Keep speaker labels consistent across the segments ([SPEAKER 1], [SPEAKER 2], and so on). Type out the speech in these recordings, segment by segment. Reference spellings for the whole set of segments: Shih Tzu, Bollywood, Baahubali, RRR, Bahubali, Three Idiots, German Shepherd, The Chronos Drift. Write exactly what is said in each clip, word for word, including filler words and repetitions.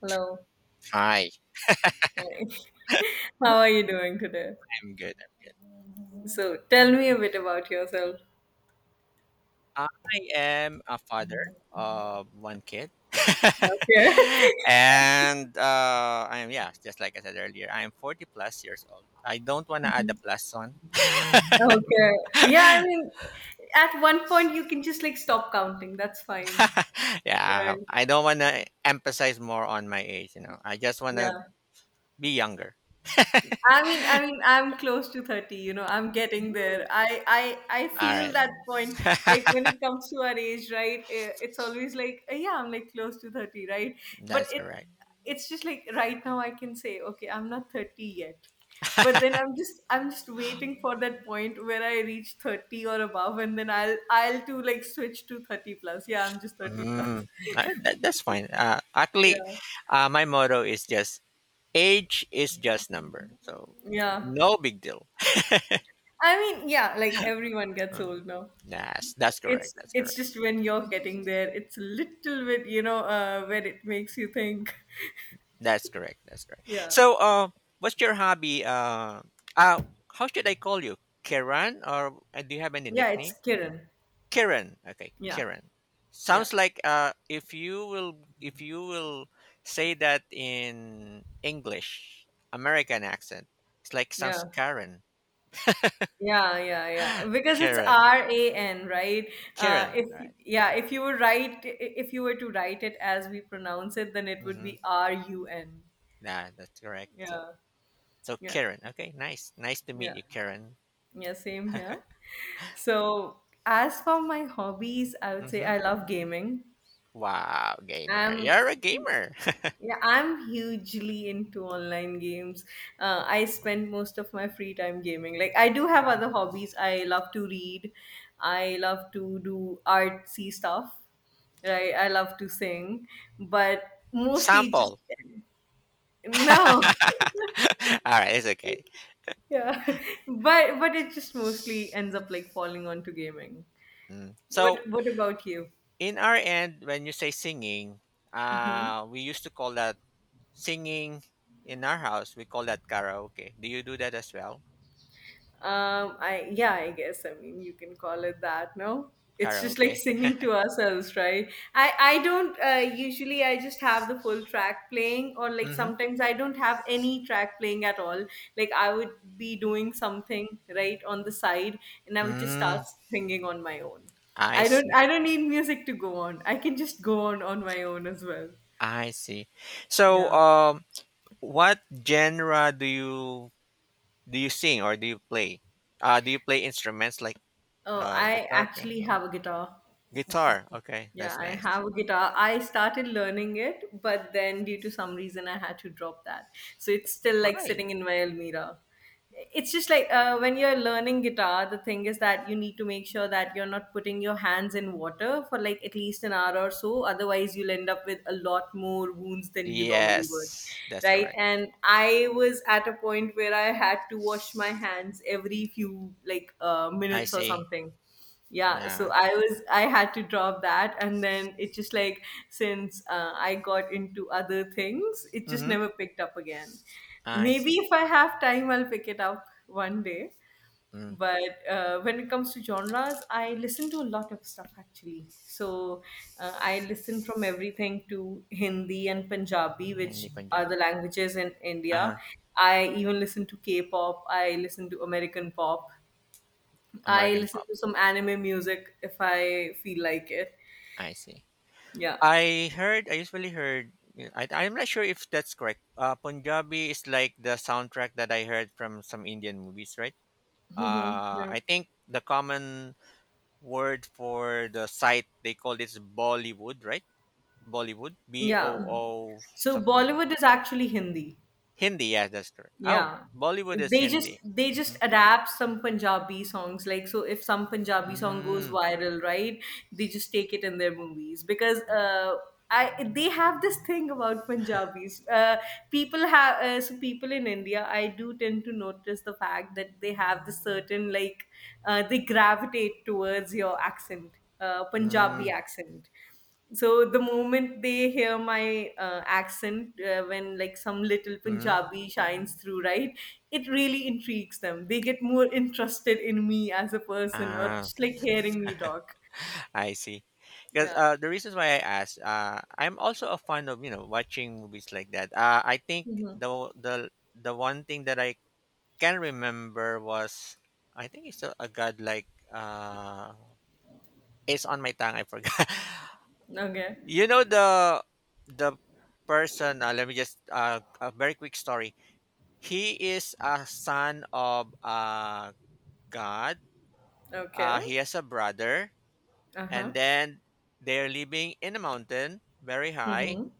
[SPEAKER 1] Hello.
[SPEAKER 2] Hi,
[SPEAKER 1] Hi. How are you doing today?
[SPEAKER 2] I'm good.
[SPEAKER 1] So tell me a bit about yourself.
[SPEAKER 2] I am a father of one kid.
[SPEAKER 1] Okay.
[SPEAKER 2] and uh, I'm, yeah, just like I said earlier, I'm forty plus years old. I don't want to add a plus one.
[SPEAKER 1] Okay. Yeah, I mean, at one point you can just like stop counting. That's fine.
[SPEAKER 2] yeah,
[SPEAKER 1] Right.
[SPEAKER 2] I don't want to emphasize more on my age, you know. I just want to
[SPEAKER 1] Yeah.
[SPEAKER 2] be younger.
[SPEAKER 1] I mean, I mean, I'm close to thirty, you know, I'm getting there. I, I, I
[SPEAKER 2] All
[SPEAKER 1] feel
[SPEAKER 2] right.
[SPEAKER 1] that point, like when it comes to our age, right? eh, It's always like, eh, yeah, I'm like close to thirty, right? But
[SPEAKER 2] That's
[SPEAKER 1] it,
[SPEAKER 2] correct.
[SPEAKER 1] it's just like right now I can say, okay, I'm not thirty yet. But then I'm just, I'm just waiting for that point where I reach thirty or above, and then I'll, I'll to like switch to thirty plus. Yeah, I'm just thirty plus.
[SPEAKER 2] Mm, I- that, that's fine. Uh, actually,
[SPEAKER 1] Yeah.
[SPEAKER 2] uh, my motto is just age is just number. So
[SPEAKER 1] Yeah.
[SPEAKER 2] no big deal.
[SPEAKER 1] I mean, yeah, like everyone gets
[SPEAKER 2] Um,
[SPEAKER 1] old now.
[SPEAKER 2] that's that's
[SPEAKER 1] it's
[SPEAKER 2] correct. That's
[SPEAKER 1] it's
[SPEAKER 2] correct.
[SPEAKER 1] just when you're getting there, it's a little bit you know uh, where it makes you think.
[SPEAKER 2] That's correct. That's correct.
[SPEAKER 1] Yeah,
[SPEAKER 2] So, uh, what's your hobby? Uh, uh, how should I call you, Karen, or uh, do you have any
[SPEAKER 1] yeah, it's
[SPEAKER 2] nickname?
[SPEAKER 1] Kiran.
[SPEAKER 2] Karen. Okay,
[SPEAKER 1] Yeah,
[SPEAKER 2] Karen.
[SPEAKER 1] yeah,
[SPEAKER 2] Sounds like uh, if you will, if you will say that in English, American accent, it's like sounds
[SPEAKER 1] yeah,
[SPEAKER 2] Karen.
[SPEAKER 1] yeah, yeah, yeah, because it's
[SPEAKER 2] Karen,
[SPEAKER 1] R A N, right? uh,
[SPEAKER 2] Karen.
[SPEAKER 1] if
[SPEAKER 2] All right.
[SPEAKER 1] Yeah, if you were write if you were to write it as we pronounce it, then it would
[SPEAKER 2] Mm-hmm.
[SPEAKER 1] be R U N.
[SPEAKER 2] Yeah, that's correct. So,
[SPEAKER 1] Yeah,
[SPEAKER 2] so
[SPEAKER 1] yeah,
[SPEAKER 2] Karen. Okay, nice, nice to meet
[SPEAKER 1] yeah,
[SPEAKER 2] you, Karen.
[SPEAKER 1] yeah, same here. So, as for my hobbies, I would say
[SPEAKER 2] Mm-hmm.
[SPEAKER 1] I love gaming.
[SPEAKER 2] Wow, gamer.
[SPEAKER 1] I'm
[SPEAKER 2] You're a gamer.
[SPEAKER 1] Yeah, I'm hugely into online games. Uh, I spend most of my free time gaming. Like, I do have other hobbies. I love to read. I love to do artsy stuff. Right? I love to sing, but mostly just
[SPEAKER 2] Sample.
[SPEAKER 1] no.
[SPEAKER 2] All right, it's okay.
[SPEAKER 1] Yeah, but but it just mostly ends up like falling onto gaming.
[SPEAKER 2] Mm. So,
[SPEAKER 1] What What about you?
[SPEAKER 2] in our end, when you say singing,
[SPEAKER 1] Mm-hmm.
[SPEAKER 2] uh, we used to call that singing in our house. We call that karaoke. Do you do that as well?
[SPEAKER 1] Um, I Yeah, I guess. I mean, you can call it that. No, it's just like
[SPEAKER 2] Karaoke.
[SPEAKER 1] singing to ourselves, right? I I don't uh, usually. I just have the full track playing, or like
[SPEAKER 2] Mm-hmm.
[SPEAKER 1] sometimes I don't have any track playing at all. Like I would be doing something right on the side, and I would just
[SPEAKER 2] Mm,
[SPEAKER 1] start singing on my own.
[SPEAKER 2] I
[SPEAKER 1] I don't
[SPEAKER 2] see.
[SPEAKER 1] I don't need music to go on. I can just go on on my own as well.
[SPEAKER 2] I see. So,
[SPEAKER 1] Yeah.
[SPEAKER 2] um, what genre do you do you sing or do you play? Uh, do you play instruments like
[SPEAKER 1] Oh,
[SPEAKER 2] uh,
[SPEAKER 1] I
[SPEAKER 2] guitar,
[SPEAKER 1] actually
[SPEAKER 2] piano?
[SPEAKER 1] have a guitar.
[SPEAKER 2] Guitar. Okay,
[SPEAKER 1] Yeah,
[SPEAKER 2] that's
[SPEAKER 1] I
[SPEAKER 2] nice.
[SPEAKER 1] have a guitar. I started learning it, but then due to some reason, I had to drop that. So it's still like
[SPEAKER 2] Why?
[SPEAKER 1] sitting in my almirah. It's just like uh, when you're learning guitar, the thing is that you need to make sure that you're not putting your hands in water for like at least an hour or so. Otherwise, you'll end up with a lot more wounds than you normally would,
[SPEAKER 2] Yes, that's
[SPEAKER 1] right?
[SPEAKER 2] correct.
[SPEAKER 1] And I was at a point where I had to wash my hands every few like uh,
[SPEAKER 2] I
[SPEAKER 1] minutes or
[SPEAKER 2] see.
[SPEAKER 1] something. Yeah so
[SPEAKER 2] Yeah.
[SPEAKER 1] i was I had to drop that, and then it just like since uh, I got into other things, it just
[SPEAKER 2] Mm-hmm.
[SPEAKER 1] never picked up again.
[SPEAKER 2] I
[SPEAKER 1] Maybe
[SPEAKER 2] see.
[SPEAKER 1] if I have time, I'll pick it up one day.
[SPEAKER 2] Mm.
[SPEAKER 1] But uh, when it comes to genres, I listen to a lot of stuff, actually. So, uh, I listen from everything to Hindi and Punjabi,
[SPEAKER 2] Hindi
[SPEAKER 1] which are
[SPEAKER 2] Punjabi.
[SPEAKER 1] the languages in India.
[SPEAKER 2] Uh-huh.
[SPEAKER 1] I even listen to K-pop. I listen to American pop. I
[SPEAKER 2] American
[SPEAKER 1] listen
[SPEAKER 2] pop.
[SPEAKER 1] to some anime music if I feel like it.
[SPEAKER 2] I see.
[SPEAKER 1] Yeah.
[SPEAKER 2] I heard, I usually heard, yeah, I, I'm not sure if that's correct. Uh, Punjabi is like the soundtrack that I heard from some Indian movies, right?
[SPEAKER 1] Hmm.
[SPEAKER 2] Uh,
[SPEAKER 1] Yeah.
[SPEAKER 2] I think the common word for the site, they call this Bollywood, right? Bollywood. B
[SPEAKER 1] Yeah.
[SPEAKER 2] O O
[SPEAKER 1] So
[SPEAKER 2] something like that.
[SPEAKER 1] Bollywood is actually Hindi.
[SPEAKER 2] Hindi, yeah, that's correct. Oh,
[SPEAKER 1] Yeah.
[SPEAKER 2] Bollywood is
[SPEAKER 1] They just
[SPEAKER 2] Hindi.
[SPEAKER 1] they just
[SPEAKER 2] Mm-hmm.
[SPEAKER 1] adapt some Punjabi songs. Like so if some Punjabi song goes
[SPEAKER 2] Mm.
[SPEAKER 1] viral, right? They just take it in their movies because uh I they have this thing about Punjabis. Uh people have uh, so people in India, I do tend to notice the fact that they have this certain like uh they gravitate towards your accent, uh Punjabi
[SPEAKER 2] Mm,
[SPEAKER 1] accent. So the moment they hear my uh, accent, uh, when like some little
[SPEAKER 2] mhm.
[SPEAKER 1] Punjabi shines through, right? It really intrigues them. They get more interested in me as a person, or
[SPEAKER 2] Ah,
[SPEAKER 1] just like hearing me talk.
[SPEAKER 2] I see. Because
[SPEAKER 1] Yeah.
[SPEAKER 2] uh, the reasons why I asked, uh, I'm also a fan of you know watching movies like that. Uh, I think
[SPEAKER 1] Hmm.
[SPEAKER 2] the the the one thing that I can remember was I think it's a, a god like uh, it's on my tongue. I forgot.
[SPEAKER 1] Okay.
[SPEAKER 2] you know the the person. Uh, let me just uh, a very quick story. He is a son of a god.
[SPEAKER 1] Okay.
[SPEAKER 2] Uh, he has a brother,
[SPEAKER 1] Uh
[SPEAKER 2] and
[SPEAKER 1] huh.
[SPEAKER 2] then they're living in a mountain very high,
[SPEAKER 1] Mm-hmm.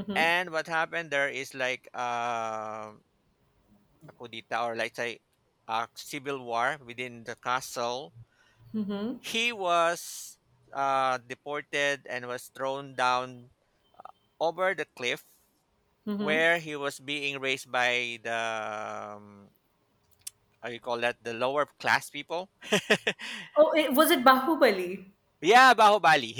[SPEAKER 1] Mm-hmm.
[SPEAKER 2] and what happened there is like uh, a kudita, or like say, a civil war within the castle.
[SPEAKER 1] Mm-hmm.
[SPEAKER 2] He was uh, deported and was thrown down over the cliff,
[SPEAKER 1] Mm-hmm.
[SPEAKER 2] where he was being raised by the um, how you call that, the lower class people.
[SPEAKER 1] Oh, it, was it Bahubali?
[SPEAKER 2] Yeah, bahubali.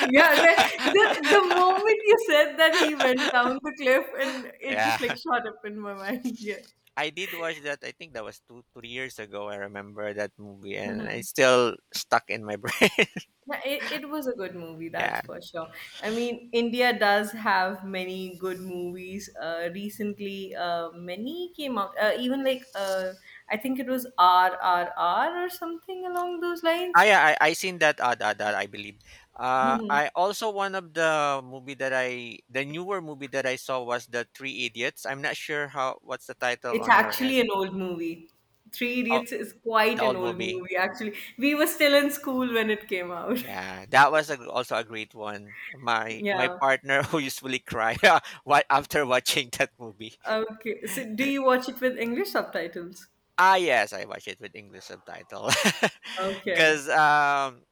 [SPEAKER 1] Yeah, the, the the moment you said that he went down the cliff, and it
[SPEAKER 2] yeah
[SPEAKER 1] just like shot up in my mind. Yeah.
[SPEAKER 2] I did watch that. I think that was two, three years ago. I remember that movie, and it's still stuck in my brain.
[SPEAKER 1] No, It, it was a good movie, that's
[SPEAKER 2] Yeah.
[SPEAKER 1] for sure. I mean, India does have many good movies. Uh, recently, uh, many came out. Uh, even like, uh, I think it was R R R or something along those
[SPEAKER 2] Ah,
[SPEAKER 1] lines.
[SPEAKER 2] yeah. I I seen that. Uh, that, that I believe. Uh,
[SPEAKER 1] Hmm.
[SPEAKER 2] I also, one of the movie that I, the newer movie that I saw was the Three Idiots. I'm not sure how what's the title
[SPEAKER 1] It's
[SPEAKER 2] on your end.
[SPEAKER 1] actually an old movie. Three
[SPEAKER 2] Oh,
[SPEAKER 1] Idiots is quite
[SPEAKER 2] the
[SPEAKER 1] an
[SPEAKER 2] old
[SPEAKER 1] old
[SPEAKER 2] movie.
[SPEAKER 1] movie, actually. We were still in school when it came out.
[SPEAKER 2] Yeah, that was a, also a great one. My my
[SPEAKER 1] Yeah.
[SPEAKER 2] partner who usually cry what after watching that movie.
[SPEAKER 1] Okay. So, do you watch it with English subtitles?
[SPEAKER 2] Ah, yes, I watch it with English subtitle.
[SPEAKER 1] Okay.
[SPEAKER 2] Cause um,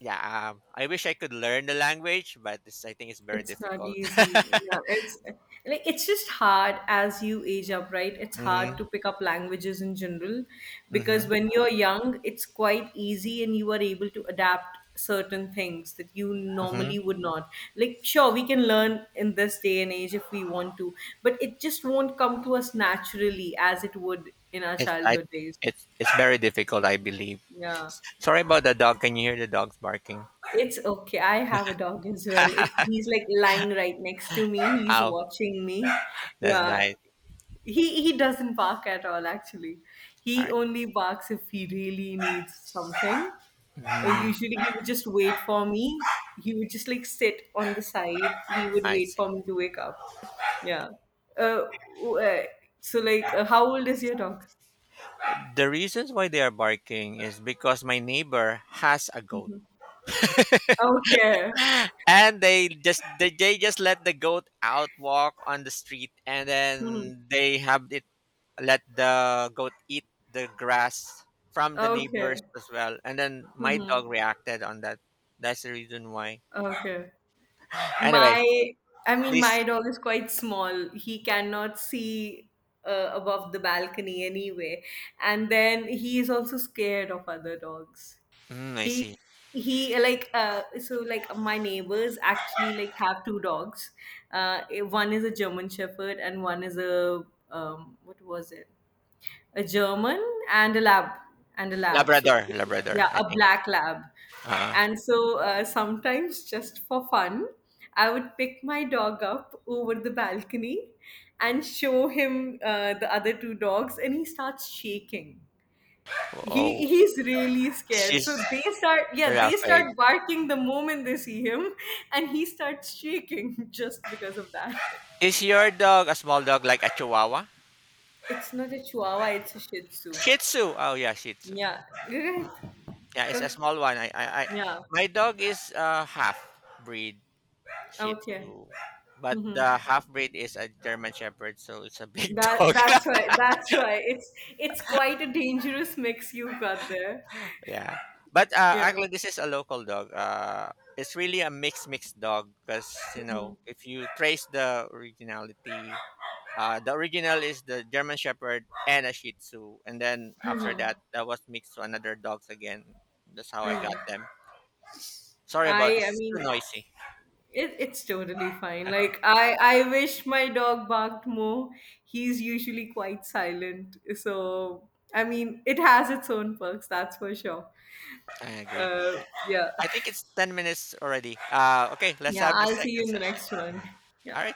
[SPEAKER 2] yeah, um, I wish I could learn the language, but it's, I think it's very
[SPEAKER 1] It's not
[SPEAKER 2] difficult.
[SPEAKER 1] easy. Yeah, it's like it's just hard as you age up, right? It's
[SPEAKER 2] mhm,
[SPEAKER 1] hard to pick up languages in general because
[SPEAKER 2] mhm,
[SPEAKER 1] when you're young, it's quite easy and you are able to adapt certain things that you
[SPEAKER 2] mhm.
[SPEAKER 1] normally would not. Like, sure, we can learn in this day and age if we want to, but it just won't come to us naturally as it would in our
[SPEAKER 2] It's I,
[SPEAKER 1] childhood days.
[SPEAKER 2] it's it's very difficult, I believe.
[SPEAKER 1] Yeah.
[SPEAKER 2] Sorry about the dog. Can you hear the dogs barking?
[SPEAKER 1] It's okay. I have a dog as well. It, he's like lying right next to me. He's
[SPEAKER 2] Ow,
[SPEAKER 1] watching me.
[SPEAKER 2] that's
[SPEAKER 1] Yeah,
[SPEAKER 2] nice.
[SPEAKER 1] He he doesn't bark at all, actually.
[SPEAKER 2] All
[SPEAKER 1] He
[SPEAKER 2] right.
[SPEAKER 1] only barks if he really needs something. Uh,
[SPEAKER 2] Mm,
[SPEAKER 1] Usually he would just wait for me. He would just like sit on the side. He would
[SPEAKER 2] I
[SPEAKER 1] wait
[SPEAKER 2] see.
[SPEAKER 1] for me to wake up. Yeah. Uh, w- uh, so like uh, how old is your dog?
[SPEAKER 2] The reasons why they are barking is because my neighbor has a goat.
[SPEAKER 1] Okay.
[SPEAKER 2] And they just they, they just let the goat out walk on the street, and
[SPEAKER 1] Mhm.
[SPEAKER 2] then they have it let the goat eat the grass from the neighbors
[SPEAKER 1] Okay.
[SPEAKER 2] as well, and then my
[SPEAKER 1] Hmm.
[SPEAKER 2] dog reacted on that. That's the reason why.
[SPEAKER 1] Okay.
[SPEAKER 2] Anyway,
[SPEAKER 1] My, I mean, my
[SPEAKER 2] this...
[SPEAKER 1] dog is quite small. He cannot see uh, above the balcony anyway. And then he is also scared of other dogs.
[SPEAKER 2] mm, I
[SPEAKER 1] He,
[SPEAKER 2] see.
[SPEAKER 1] he like uh so like my neighbors actually like have two dogs. uh One is a German Shepherd, and one is a, um what was it, a German and a lab, and a lab. So,
[SPEAKER 2] Labrador labrador,
[SPEAKER 1] yeah,
[SPEAKER 2] I
[SPEAKER 1] a
[SPEAKER 2] think.
[SPEAKER 1] black lab.
[SPEAKER 2] uh
[SPEAKER 1] And so uh, sometimes just for fun, I would pick my dog up over the balcony and show him uh, the other two dogs, and he starts shaking. He
[SPEAKER 2] oh,
[SPEAKER 1] he's really scared.
[SPEAKER 2] she's
[SPEAKER 1] So they start yeah,
[SPEAKER 2] real
[SPEAKER 1] they
[SPEAKER 2] afraid.
[SPEAKER 1] start barking the moment they see him, and he starts shaking just because of that.
[SPEAKER 2] Is your dog a small dog like a chihuahua?
[SPEAKER 1] It's not a chihuahua, it's a shih tzu.
[SPEAKER 2] Shih tzu. Oh yeah, shih tzu.
[SPEAKER 1] Yeah.
[SPEAKER 2] Yeah, it's a small one. I, I, I
[SPEAKER 1] Yeah.
[SPEAKER 2] my dog is uh, half breed Shih
[SPEAKER 1] Okay.
[SPEAKER 2] Tzu, but
[SPEAKER 1] Hmm.
[SPEAKER 2] the half breed is a German Shepherd, so it's a big
[SPEAKER 1] That
[SPEAKER 2] dog.
[SPEAKER 1] that's why that's why it's it's quite a dangerous mix you've got there.
[SPEAKER 2] Yeah, but uh,
[SPEAKER 1] Yeah.
[SPEAKER 2] actually, this is a local dog. Uh, it's really a mixed mixed dog, because you
[SPEAKER 1] Hmm.
[SPEAKER 2] know, if you trace the originality, uh, the original is the German Shepherd and a Shih Tzu, and then after
[SPEAKER 1] Hmm.
[SPEAKER 2] that, that was mixed to another dogs again. That's how I got
[SPEAKER 1] Hmm.
[SPEAKER 2] them. Sorry about
[SPEAKER 1] I
[SPEAKER 2] this.
[SPEAKER 1] I
[SPEAKER 2] It's too
[SPEAKER 1] mean
[SPEAKER 2] noisy.
[SPEAKER 1] it, it's totally fine. Like I I wish my dog barked more. He's usually quite silent. So I mean it has its own perks, that's for sure.
[SPEAKER 2] I agree.
[SPEAKER 1] Uh yeah.
[SPEAKER 2] I think it's ten minutes already. Uh, okay, let's
[SPEAKER 1] Yeah,
[SPEAKER 2] have the
[SPEAKER 1] I'll see
[SPEAKER 2] second
[SPEAKER 1] you in the
[SPEAKER 2] session.
[SPEAKER 1] next one.
[SPEAKER 2] Mhm. All
[SPEAKER 1] Yeah.
[SPEAKER 2] right.